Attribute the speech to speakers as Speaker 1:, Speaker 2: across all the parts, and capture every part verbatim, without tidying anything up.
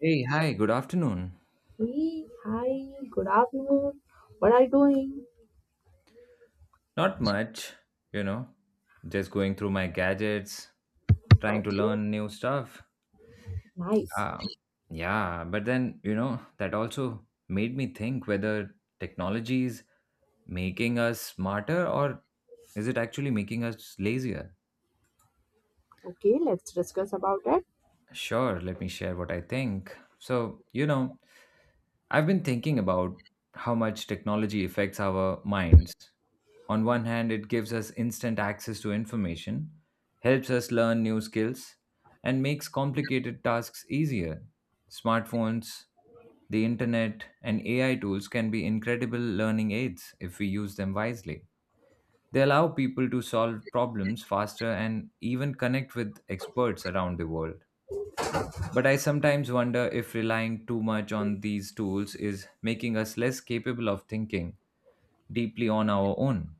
Speaker 1: Hey, hi, good afternoon.
Speaker 2: Hey, hi, good afternoon. What are you doing?
Speaker 1: Not much, you know, just going through my gadgets, trying to
Speaker 2: Okay,
Speaker 1: learn new stuff.
Speaker 2: nice.
Speaker 1: Uh, yeah, but then, you know, that also made me think whether technology is making us smarter or is it actually making us lazier?
Speaker 2: Okay, let's discuss about it.
Speaker 1: Sure, let me share what I think. So, you know, I've been thinking about how much technology affects our minds. On one hand, it gives us instant access to information, helps us learn new skills, and makes complicated tasks easier. Smartphones, the internet, and A I tools can be incredible learning aids if we use them wisely. They allow people to solve problems faster and even connect with experts around the world. But I sometimes wonder if relying too much on these tools is making us less capable of thinking deeply on our own.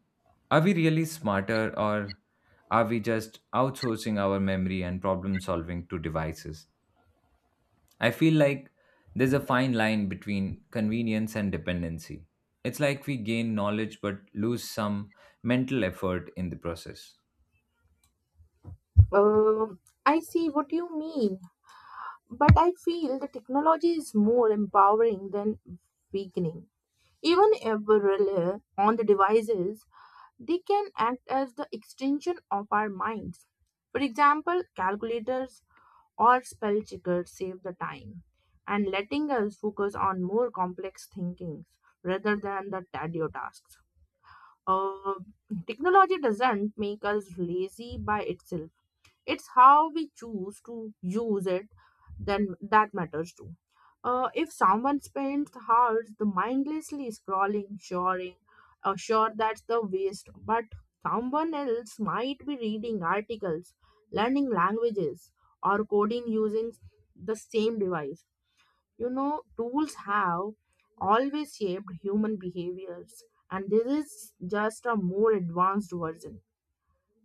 Speaker 1: Are we really smarter or are we just outsourcing our memory and problem solving to devices? I feel like there's a fine line between convenience and dependency. It's like we gain knowledge but lose some mental effort in the process.
Speaker 2: Um, I see what you mean, but I feel the technology is more empowering than weakening. Even if we rely on the devices, they can act as the extension of our minds. For example, calculators or spell checkers save the time and letting us focus on more complex thinkings rather than the tedious tasks. Uh, Technology doesn't make us lazy by itself. It's how we choose to use it then that matters too. Uh, if someone spends hours the mindlessly scrolling shoring, uh, sure that's the waste, but someone else might be reading articles, learning languages, or coding using the same device. You know tools have always shaped human behaviors, and this is just a more advanced version.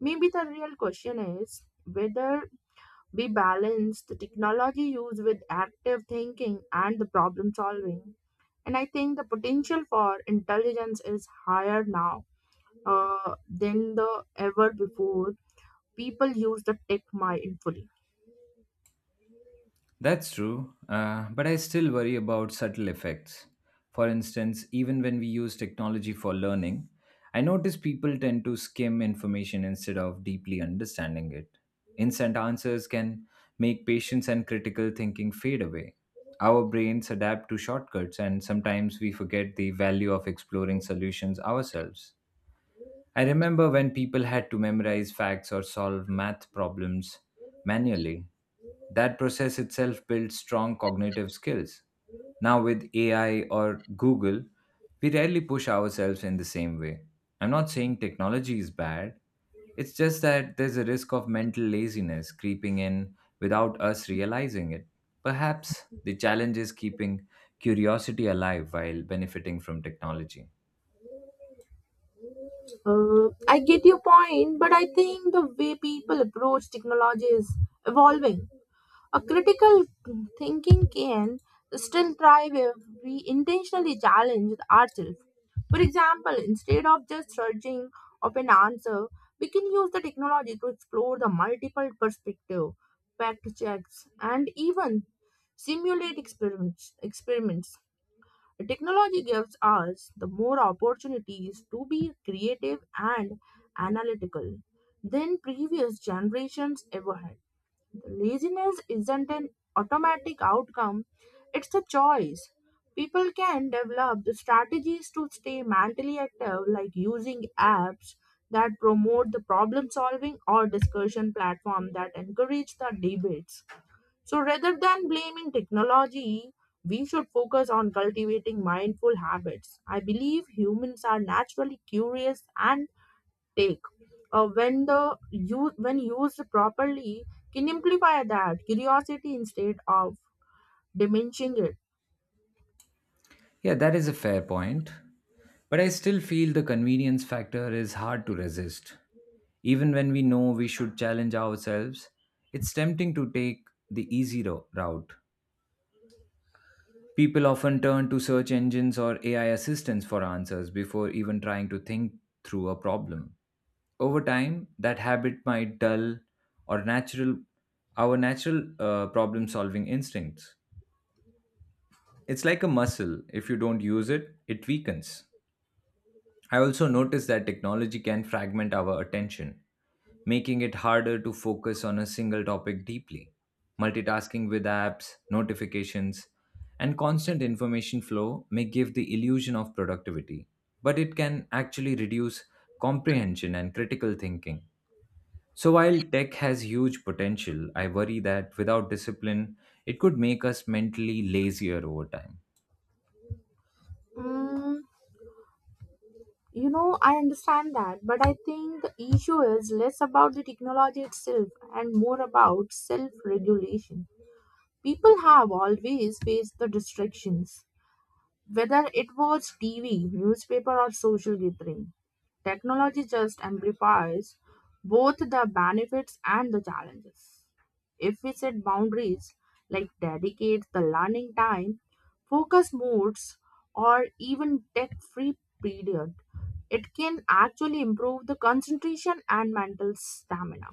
Speaker 2: Maybe the real question is whether we balance the technology use with active thinking and the problem solving. And I think the potential for intelligence is higher now uh, than the ever before. People use the tech mindfully.
Speaker 1: That's true, uh, but I still worry about subtle effects. For instance, even when we use technology for learning, I notice people tend to skim information instead of deeply understanding it. Instant answers can make patience and critical thinking fade away. Our brains adapt to shortcuts, and sometimes we forget the value of exploring solutions ourselves. I remember when people had to memorize facts or solve math problems manually. That process itself built strong cognitive skills. Now, with A I or Google, we rarely push ourselves in the same way. I'm not saying technology is bad, it's just that there's a risk of mental laziness creeping in without us realizing it. Perhaps the challenge is keeping curiosity alive while benefiting from technology.
Speaker 2: Uh, I get your point, but I think the way people approach technology is evolving. A critical thinking can still thrive if we intentionally challenge ourselves. For example, instead of just searching of an answer, we can use the technology to explore the multiple perspective, fact checks, and even simulate experiments. experiments. Technology gives us the more opportunities to be creative and analytical than previous generations ever had. Laziness isn't an automatic outcome, it's a choice. People can develop the strategies to stay mentally active, like using apps that promote the problem solving or discussion platform that encourage the debates. So rather than blaming technology, we should focus on cultivating mindful habits. I believe humans are naturally curious and take uh, when the use when used properly can amplify that curiosity instead of diminishing it.
Speaker 1: Yeah, that is a fair point. But I still feel the convenience factor is hard to resist. Even when we know we should challenge ourselves, it's tempting to take the easy ro- route. People often turn to search engines or A I assistants for answers before even trying to think through a problem. Over time, that habit might dull or natural our natural uh, problem solving instincts. It's like a muscle. If you don't use it, it weakens. I also noticed that technology can fragment our attention, making it harder to focus on a single topic deeply. Multitasking with apps, notifications, and constant information flow may give the illusion of productivity, but it can actually reduce comprehension and critical thinking. So, while tech has huge potential, I worry that without discipline, it could make us mentally lazier over time.
Speaker 2: mm, you know I understand that, but I think the issue is less about the technology itself and more about self regulation. People have always faced the distractions, whether it was TV, newspaper, or social gathering. Technology just amplifies both the benefits and the challenges. If we set boundaries like dedicate the learning time, focus modes, or even tech free period, it can actually improve the concentration and mental stamina.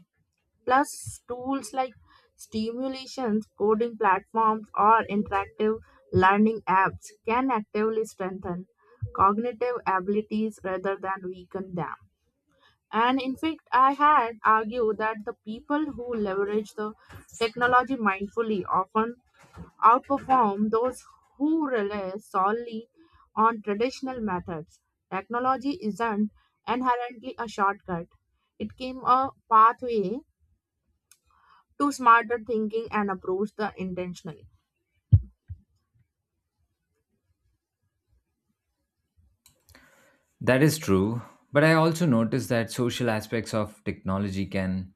Speaker 2: Plus, tools like stimulations, coding platforms, or interactive learning apps can actively strengthen cognitive abilities rather than weaken them. And in fact, I had argued that the people who leverage the technology mindfully often outperform those who rely solely on traditional methods. Technology isn't inherently a shortcut, it came a pathway to smarter thinking and approach the intentionally.
Speaker 1: That is true, but I also noticed that social aspects of technology can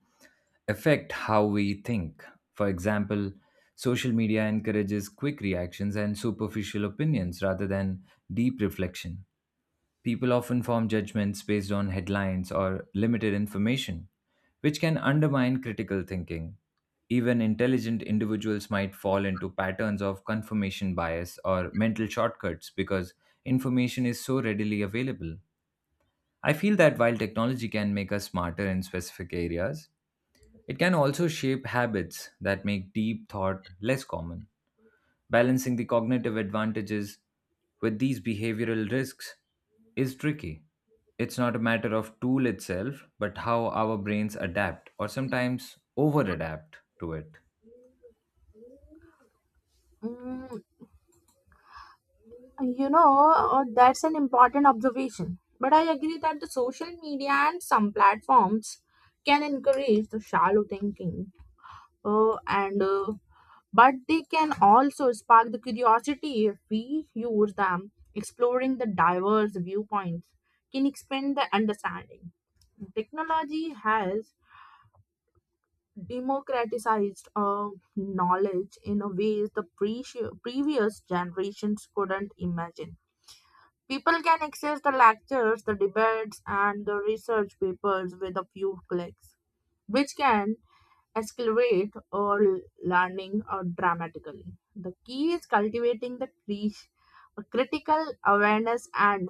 Speaker 1: affect how we think. For example, social media encourages quick reactions and superficial opinions rather than deep reflection. People often form judgments based on headlines or limited information, which can undermine critical thinking. Even intelligent individuals might fall into patterns of confirmation bias or mental shortcuts because information is so readily available. I feel that while technology can make us smarter in specific areas, it can also shape habits that make deep thought less common. Balancing the cognitive advantages with these behavioral risks is tricky. It's not a matter of tool itself, but how our brains adapt or sometimes over adapt to it.
Speaker 2: Mm, You know, uh, that's an important observation. But I agree that the social media and some platforms can encourage the shallow thinking. Uh, and uh, but they can also spark the curiosity if we use them. Exploring the diverse viewpoints can expand the understanding. Technology has democratized uh, knowledge in a ways the pre- previous generations couldn't imagine. People can access the lectures, the debates, and the research papers with a few clicks, which can accelerate our learning uh, dramatically. The key is cultivating the cre- critical awareness and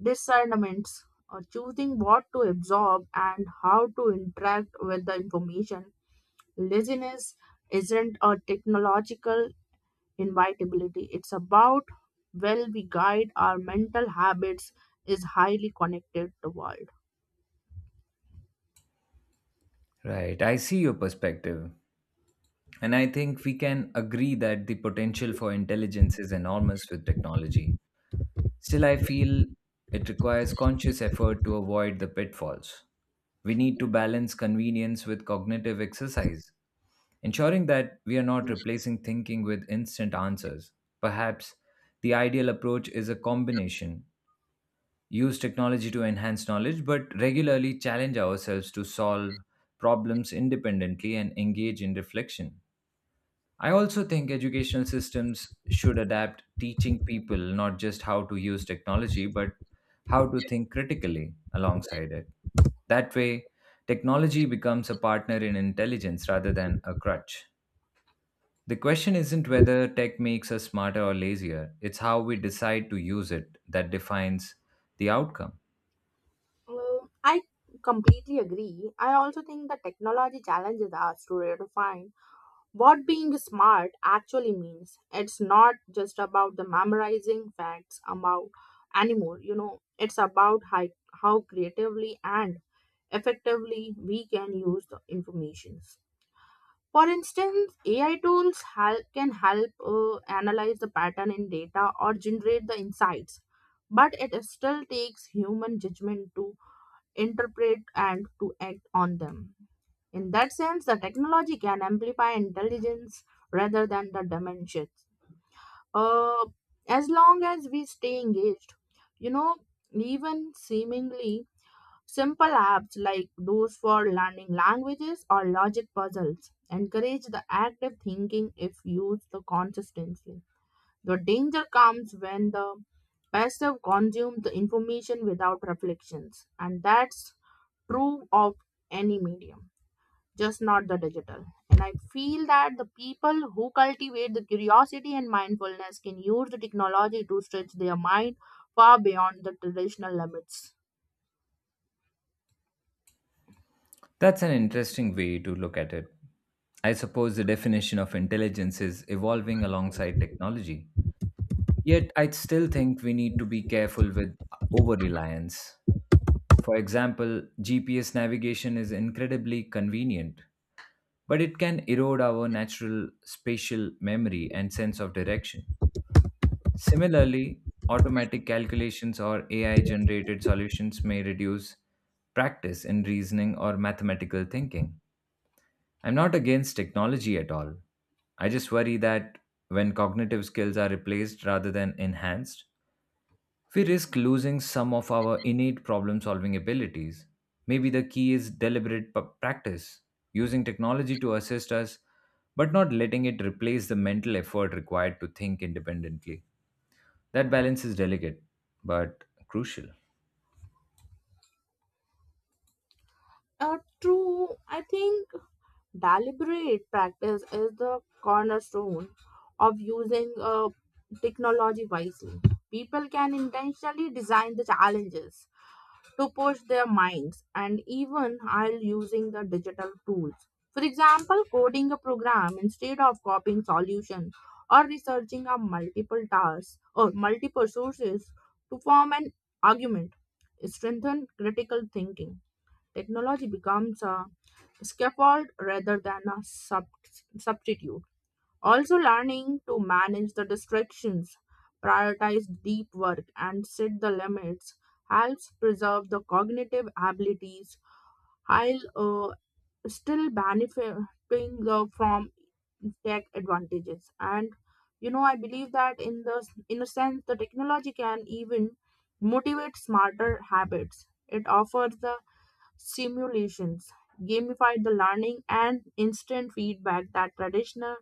Speaker 2: discernments, uh, choosing what to absorb and how to interact with the information. Laziness isn't a technological invitability. It's about well we guide our mental habits is highly connected to the world.
Speaker 1: Right, I see your perspective. And I think we can agree that the potential for intelligence is enormous with technology. Still, I feel it requires conscious effort to avoid the pitfalls. We need to balance convenience with cognitive exercise, ensuring that we are not replacing thinking with instant answers. Perhaps the ideal approach is a combination use technology to enhance knowledge, but regularly challenge ourselves to solve problems independently and engage in reflection. I also think educational systems should adapt teaching people not just how to use technology, but how to think critically alongside it. That way, technology becomes a partner in intelligence rather than a crutch. The question isn't whether tech makes us smarter or lazier, it's how we decide to use it that defines the outcome.
Speaker 2: Um, I completely agree. I also think the technology challenges us to redefine what being smart actually means. It's not just about the memorizing facts about anymore. You know, it's about how, how creatively and effectively we can use the information. For instance, A I tools hel- can help uh, analyze the pattern in data or generate the insights, but it still takes human judgment to interpret and to act on them. In that sense, the technology can amplify intelligence rather than the dimensions. Uh, as long as we stay engaged, you know, even seemingly simple apps like those for learning languages or logic puzzles encourage the active thinking if used consistently. The danger comes when the passive consume the information without reflections, and that's true of any medium, just not the digital. And I feel that the people who cultivate the curiosity and mindfulness can use the technology to stretch their mind far beyond the traditional limits.
Speaker 1: That's an interesting way to look at it. I suppose the definition of intelligence is evolving alongside technology. Yet, I still think we need to be careful with over reliance. For example, G P S navigation is incredibly convenient, but it can erode our natural spatial memory and sense of direction. Similarly, automatic calculations or A I generated solutions may reduce practice in reasoning or mathematical thinking. I'm not against technology at all. I just worry that when cognitive skills are replaced rather than enhanced, we risk losing some of our innate problem solving abilities. Maybe the key is deliberate p- practice, using technology to assist us, but not letting it replace the mental effort required to think independently. That balance is delicate, but crucial.
Speaker 2: Uh, true, I think deliberate practice is the cornerstone of using uh, technology wisely. People can intentionally design the challenges to push their minds and even while using the digital tools. For example, coding a program instead of copying solution or researching a multiple tasks or multiple sources to form an argument strengthen critical thinking. Technology becomes a scaffold rather than a sub- substitute. Also, learning to manage the distractions, prioritize deep work, and set the limits helps preserve the cognitive abilities while uh, still benefiting the, from tech advantages. And you know I believe that in the in a sense the technology can even motivate smarter habits. It offers the simulations, gamified the learning, and instant feedback that traditional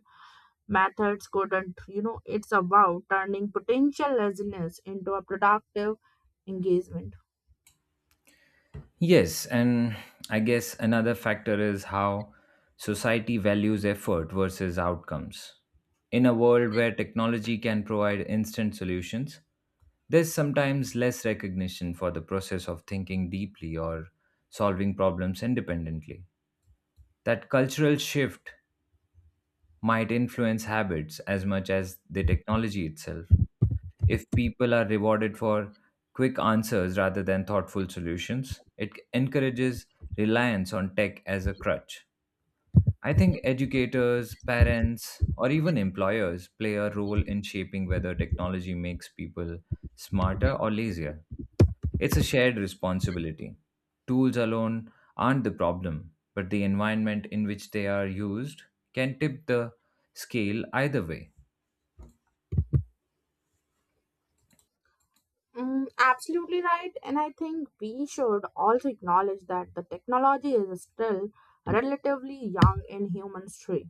Speaker 2: methods couldn't. You know it's about turning potential laziness into a productive engagement.
Speaker 1: Yes, and I guess another factor is how society values effort versus outcomes. In a world where technology can provide instant solutions, there's sometimes less recognition for the process of thinking deeply or solving problems independently. That cultural shift might influence habits as much as the technology itself. If people are rewarded for quick answers rather than thoughtful solutions, it encourages reliance on tech as a crutch. I think educators, parents, or even employers play a role in shaping whether technology makes people smarter or lazier. It's a shared responsibility. Tools alone aren't the problem, but the environment in which they are used can tip the scale either way.
Speaker 2: Mm, absolutely right, and I think we should also acknowledge that the technology is still relatively young in human history.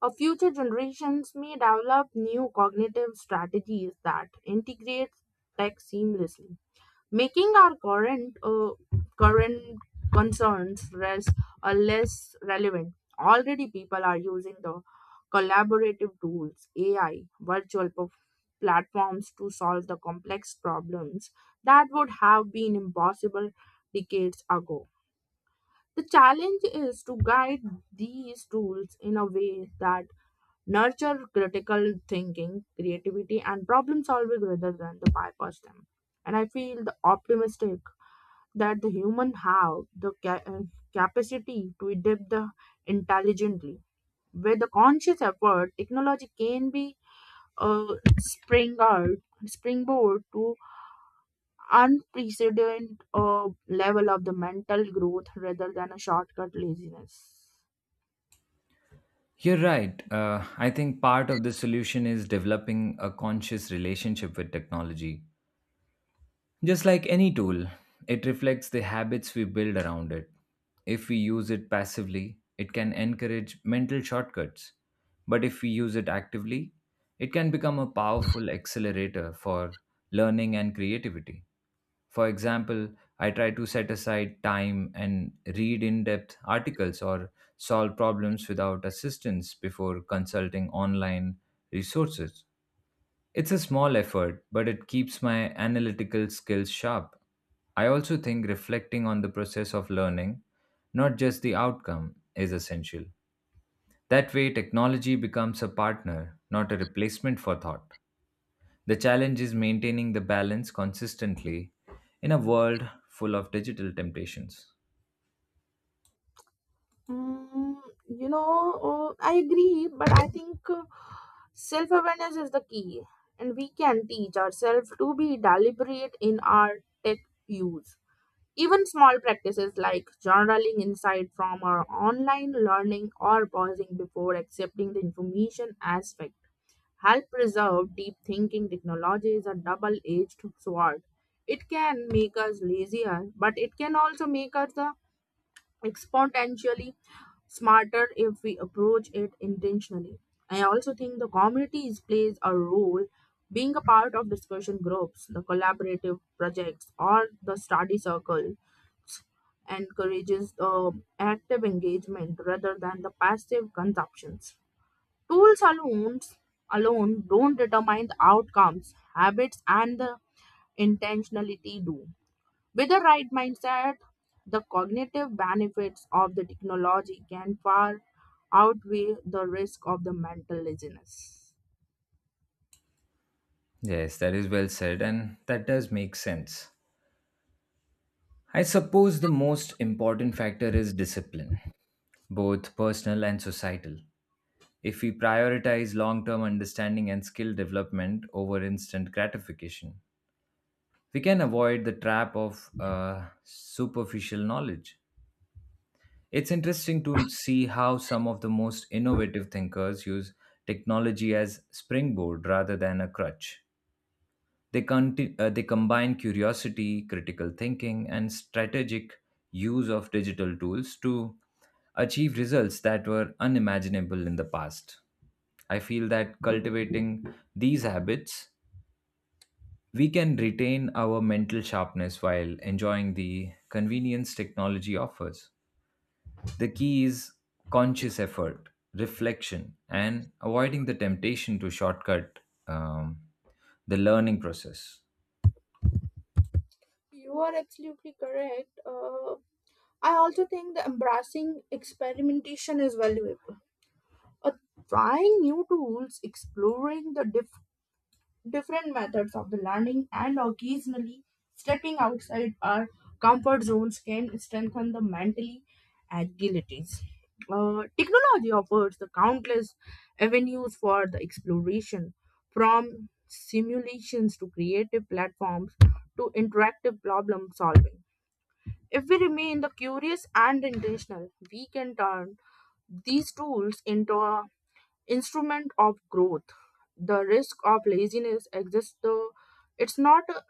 Speaker 2: Our future generations may develop new cognitive strategies that integrate tech seamlessly, making our current uh, current concerns less uh, less relevant. Already people are using the collaborative tools, AI, virtual perf- platforms to solve the complex problems that would have been impossible decades ago. The challenge is to guide these tools in a way that nurture critical thinking, creativity, and problem solving rather than to bypass them. And I feel the optimistic that the human have the ca- uh, capacity to adapt the intelligently. With the conscious effort, technology can be a springboard springboard to unprecedented uh, level of the mental growth rather than a shortcut laziness.
Speaker 1: You're right. Uh, I think part of the solution is developing a conscious relationship with technology. Just like any tool, it reflects the habits we build around it. If we use it passively, it can encourage mental shortcuts. But if we use it actively, it can become a powerful accelerator for learning and creativity. For example, I try to set aside time and read in depth articles or solve problems without assistance before consulting online resources. It's a small effort, but it keeps my analytical skills sharp. I also think reflecting on the process of learning, not just the outcome, is essential. That way, technology becomes a partner, not a replacement for thought. The challenge is maintaining the balance consistently in a world full of digital temptations.
Speaker 2: Mm, you know, uh, I agree, but I think uh, self awareness is the key, and we can teach ourselves to be deliberate in our tech use. Even small practices like journaling insight from our online learning or pausing before accepting the information as fact help preserve deep thinking. Technology is a double edged sword. It can make us lazier, but it can also make us uh, exponentially smarter if we approach it intentionally. I also think the communities plays a role. Being a part of discussion groups, the collaborative projects, or the study circle encourages uh, active engagement rather than the passive consumptions. Tools alone, alone don't determine the outcomes, habits, and the intentionality do. With the right mindset, the cognitive benefits of the technology can far outweigh the risk of the mental laziness.
Speaker 1: Yes, that is well said, and that does make sense. I suppose the most important factor is discipline, both personal and societal. If we prioritize long term understanding and skill development over instant gratification. We can avoid the trap of uh, superficial knowledge. It's interesting to see how some of the most innovative thinkers use technology as springboard rather than a crutch. They, conti- uh, they combine curiosity, critical thinking, and strategic use of digital tools to achieve results that were unimaginable in the past. I feel that cultivating these habits, we can retain our mental sharpness while enjoying the convenience technology offers. The key is conscious effort, reflection, and avoiding the temptation to shortcut um, the learning process.
Speaker 2: You are absolutely correct. Uh, I also think the embracing experimentation is valuable. uh, Trying new tools, exploring the dif- different methods of the learning, and occasionally stepping outside our comfort zones can strengthen the mentally agilities. Uh, technology offers the countless avenues for the exploration, from simulations to creative platforms to interactive problem solving. If we remain the curious and intentional, we can turn these tools into instrument of growth. The risk of laziness exists, though it's not uh,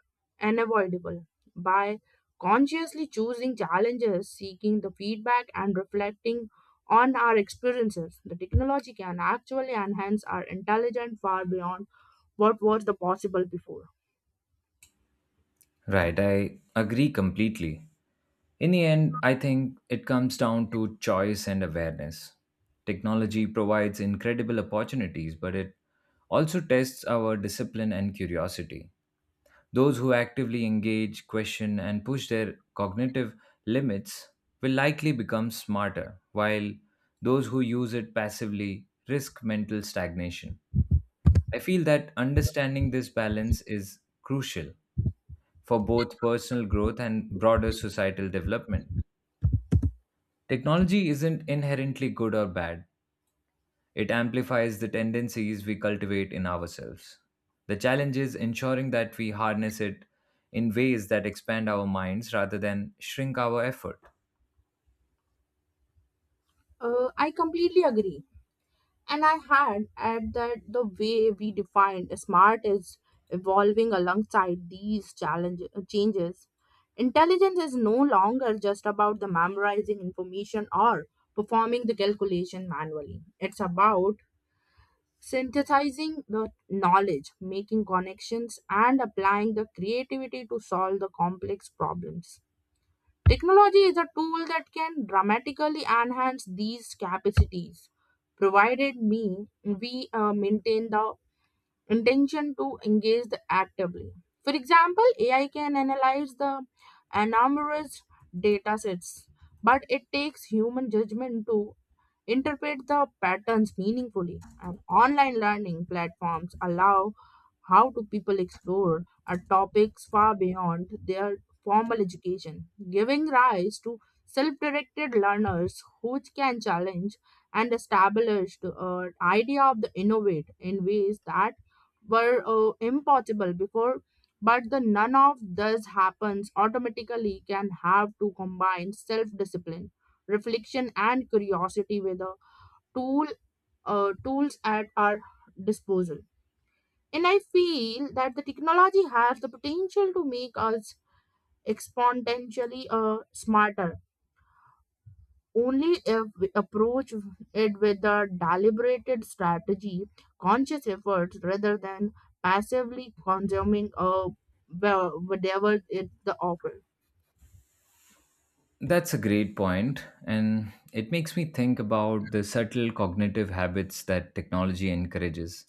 Speaker 2: unavoidable. By consciously choosing challenges, seeking the feedback, and reflecting on our experiences, the technology can actually enhance our intelligence far beyond what was the possible before.
Speaker 1: Right, I agree completely. In the end, I think it comes down to choice and awareness. Technology provides incredible opportunities, but it also tests our discipline and curiosity. Those who actively engage, question, and push their cognitive limits will likely become smarter, while those who use it passively risk mental stagnation. I feel that understanding this balance is crucial for both personal growth and broader societal development. Technology isn't inherently good or bad, it amplifies the tendencies we cultivate in ourselves. The challenge is ensuring that we harness it in ways that expand our minds rather than shrink our effort.
Speaker 2: Uh, I completely agree. And I had at that the way we define smart is evolving alongside these challenges changes. Intelligence is no longer just about the memorizing information or performing the calculation manually. It's about synthesizing the knowledge, making connections, and applying the creativity to solve the complex problems. Technology is a tool that can dramatically enhance these capacities, provided me we uh, maintain the intention to engage the actively. For example, A I can analyze the enormous data sets, but it takes human judgment to interpret the patterns meaningfully. And online learning platforms allow how do people explore are topics far beyond their formal education, giving rise to self-directed learners who can challenge and establish the uh, idea of the innovate in ways that were uh, impossible before. But the none of this happens automatically can have to combine self-discipline, reflection, and curiosity with the tool uh, tools at our disposal. And I feel that the technology has the potential to make us exponentially uh, smarter. Only if we approach it with a deliberated strategy, conscious efforts, rather than passively consuming uh, wha- whatever it the offer.
Speaker 1: That's a great point, and it makes me think about the subtle cognitive habits that technology encourages.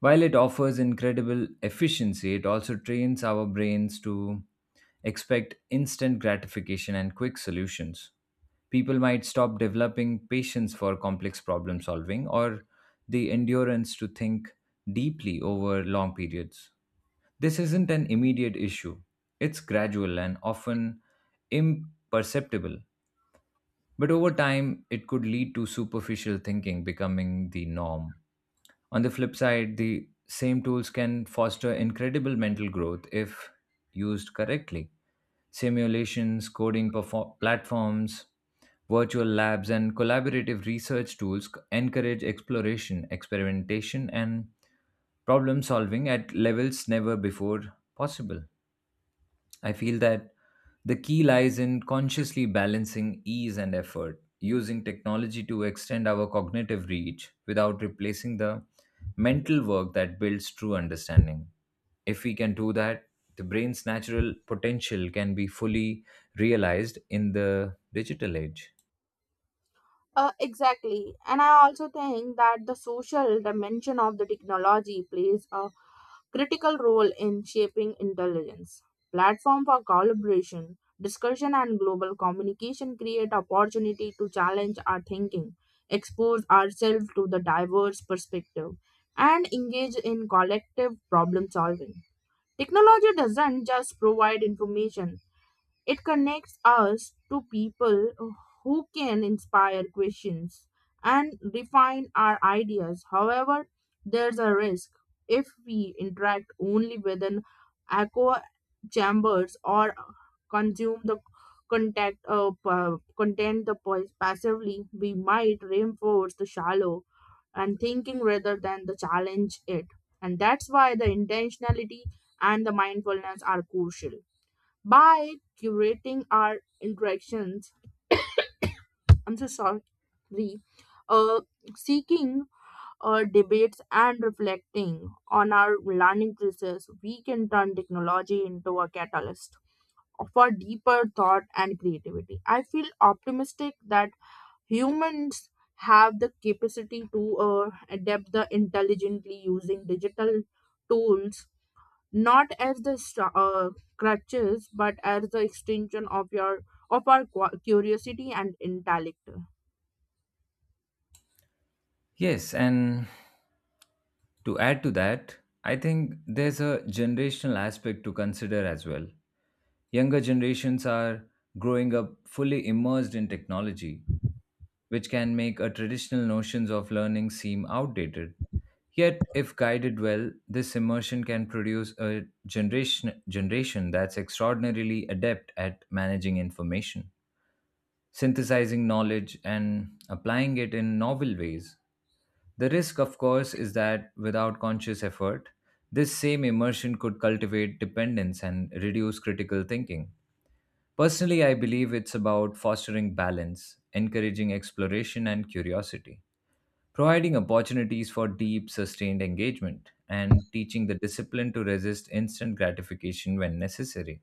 Speaker 1: While it offers incredible efficiency, it also trains our brains to expect instant gratification and quick solutions. People might stop developing patience for complex problem solving or the endurance to think deeply over long periods. This isn't an immediate issue, it's gradual and often imperceptible. But over time, it could lead to superficial thinking becoming the norm. On the flip side, the same tools can foster incredible mental growth if used correctly. Simulations, coding perfor- platforms, virtual labs, and collaborative research tools c- encourage exploration, experimentation, and problem solving at levels never before possible. I feel that the key lies in consciously balancing ease and effort, using technology to extend our cognitive reach without replacing the mental work that builds true understanding. If we can do that, the brain's natural potential can be fully realized in the digital age.
Speaker 2: Uh, exactly. And I also think that the social dimension of the technology plays a critical role in shaping intelligence. Platform for collaboration, discussion, and global communication create opportunity to challenge our thinking, expose ourselves to the diverse perspective, and engage in collective problem solving. Technology doesn't just provide information, it connects us to people who can inspire questions and refine our ideas. However, there's a risk if we interact only with an echo chambers or consume the contact uh, pa- content the po- passively we might reinforce the shallow and thinking rather than the challenge it. And that's why the intentionality and the mindfulness are crucial. By curating our interactions, I'm so sorry, uh, seeking uh, debates, and reflecting on our learning process, we can turn technology into a catalyst for deeper thought and creativity. I feel optimistic that humans have the capacity to uh, adapt the intelligently using digital tools not as the st- uh, crutches, but as the extension of your of our qu- curiosity and intellect.
Speaker 1: Yes, and to add to that, I think there's a generational aspect to consider as well. Younger generations are growing up fully immersed in technology, which can make a traditional notions of learning seem outdated. Yet, if guided well, this immersion can produce a generation, generation that's extraordinarily adept at managing information, synthesizing knowledge, and applying it in novel ways. The risk, of course, is that without conscious effort, this same immersion could cultivate dependence and reduce critical thinking. Personally, I believe it's about fostering balance, encouraging exploration and curiosity, providing opportunities for deep, sustained engagement, and teaching the discipline to resist instant gratification when necessary.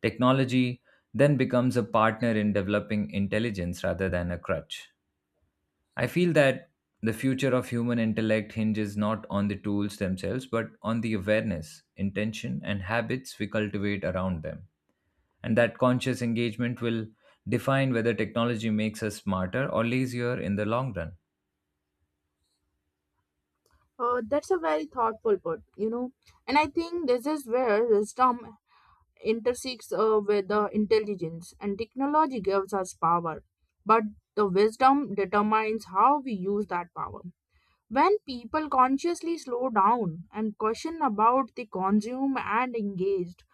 Speaker 1: Technology then becomes a partner in developing intelligence rather than a crutch. I feel that the future of human intellect hinges not on the tools themselves, but on the awareness, intention, and habits we cultivate around them. And that conscious engagement will define whether technology makes us smarter or lazier in the long run.
Speaker 2: uh, That's a very thoughtful put. You know and I think this is where wisdom intersects uh, with the intelligence, and technology gives us power, but the wisdom determines how we use that power. When people consciously slow down and question about the consume and engaged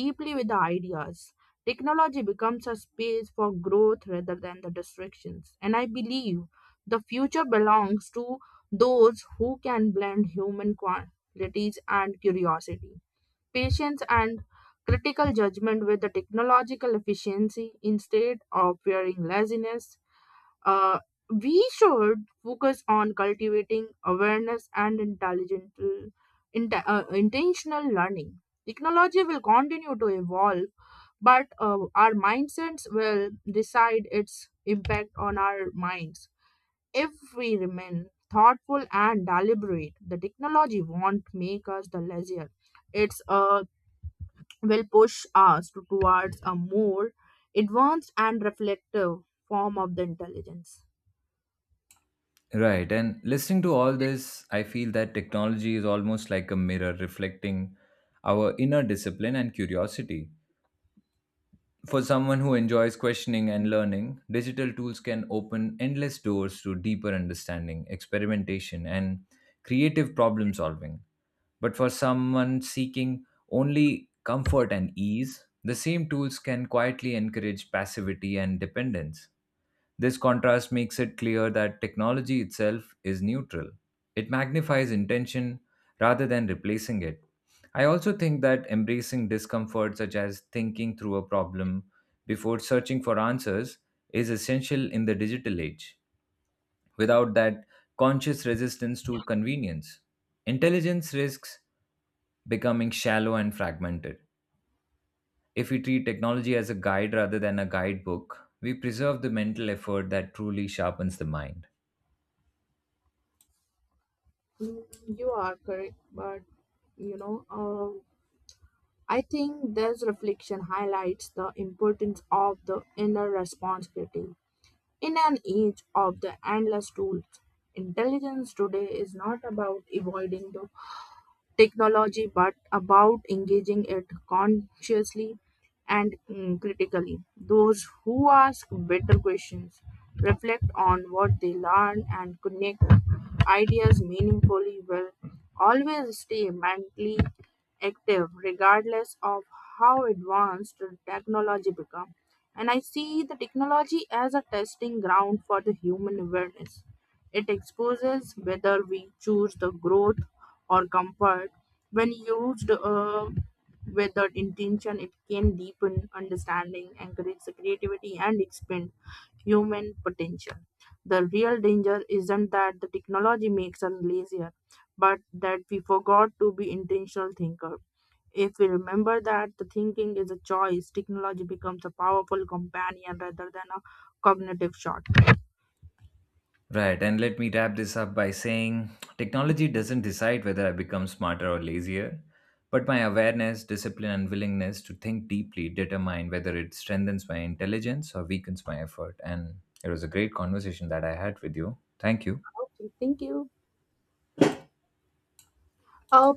Speaker 2: deeply with the ideas, technology becomes a space for growth rather than the distractions. And I believe the future belongs to those who can blend human qualities and curiosity, patience, and critical judgment with the technological efficiency. Instead of fearing laziness, uh, we should focus on cultivating awareness and intelligent, inte- uh, intentional learning. Technology will continue to evolve, but uh, our mindsets will decide its impact on our minds. If we remain thoughtful and deliberate, the technology won't make us the lazier. It's uh, will push us to- towards a more advanced and reflective form of the intelligence.
Speaker 1: Right. And listening to all this, I feel that technology is almost like a mirror reflecting our inner discipline and curiosity. For someone who enjoys questioning and learning, digital tools can open endless doors to deeper understanding, experimentation, and creative problem solving. But for someone seeking only comfort and ease, the same tools can quietly encourage passivity and dependence. This contrast makes it clear that technology itself is neutral. It magnifies intention rather than replacing it. I also think that embracing discomfort, such as thinking through a problem before searching for answers, is essential in the digital age. Without that conscious resistance to convenience, intelligence risks becoming shallow and fragmented. If we treat technology as a guide rather than a guidebook, we preserve the mental effort that truly sharpens the mind.
Speaker 2: Mm, You are correct, but you know, uh, I think this reflection highlights the importance of the inner responsibility. In an age of the endless tools, intelligence today is not about avoiding the technology, but about engaging it consciously and mm, critically. Those who ask better questions reflect on what they learn and connect ideas meaningfully will always stay mentally active regardless of how advanced the technology becomes. And I see the technology as a testing ground for the human awareness. It exposes whether we choose the growth or comfort. When used uh, with the intention, it can deepen understanding, encourage the creativity, and expand human potential. The real danger isn't that the technology makes us lazier, but that we forgot to be intentional thinker. If we remember that the thinking is a choice, technology becomes a powerful companion rather than a cognitive shortcut.
Speaker 1: Right, and let me wrap this up by saying technology doesn't decide whether I become smarter or lazier, but my awareness, discipline, and willingness to think deeply determine whether it strengthens my intelligence or weakens my effort. And it was a great conversation that I had with you. Thank you.
Speaker 2: Okay, thank you. Uh,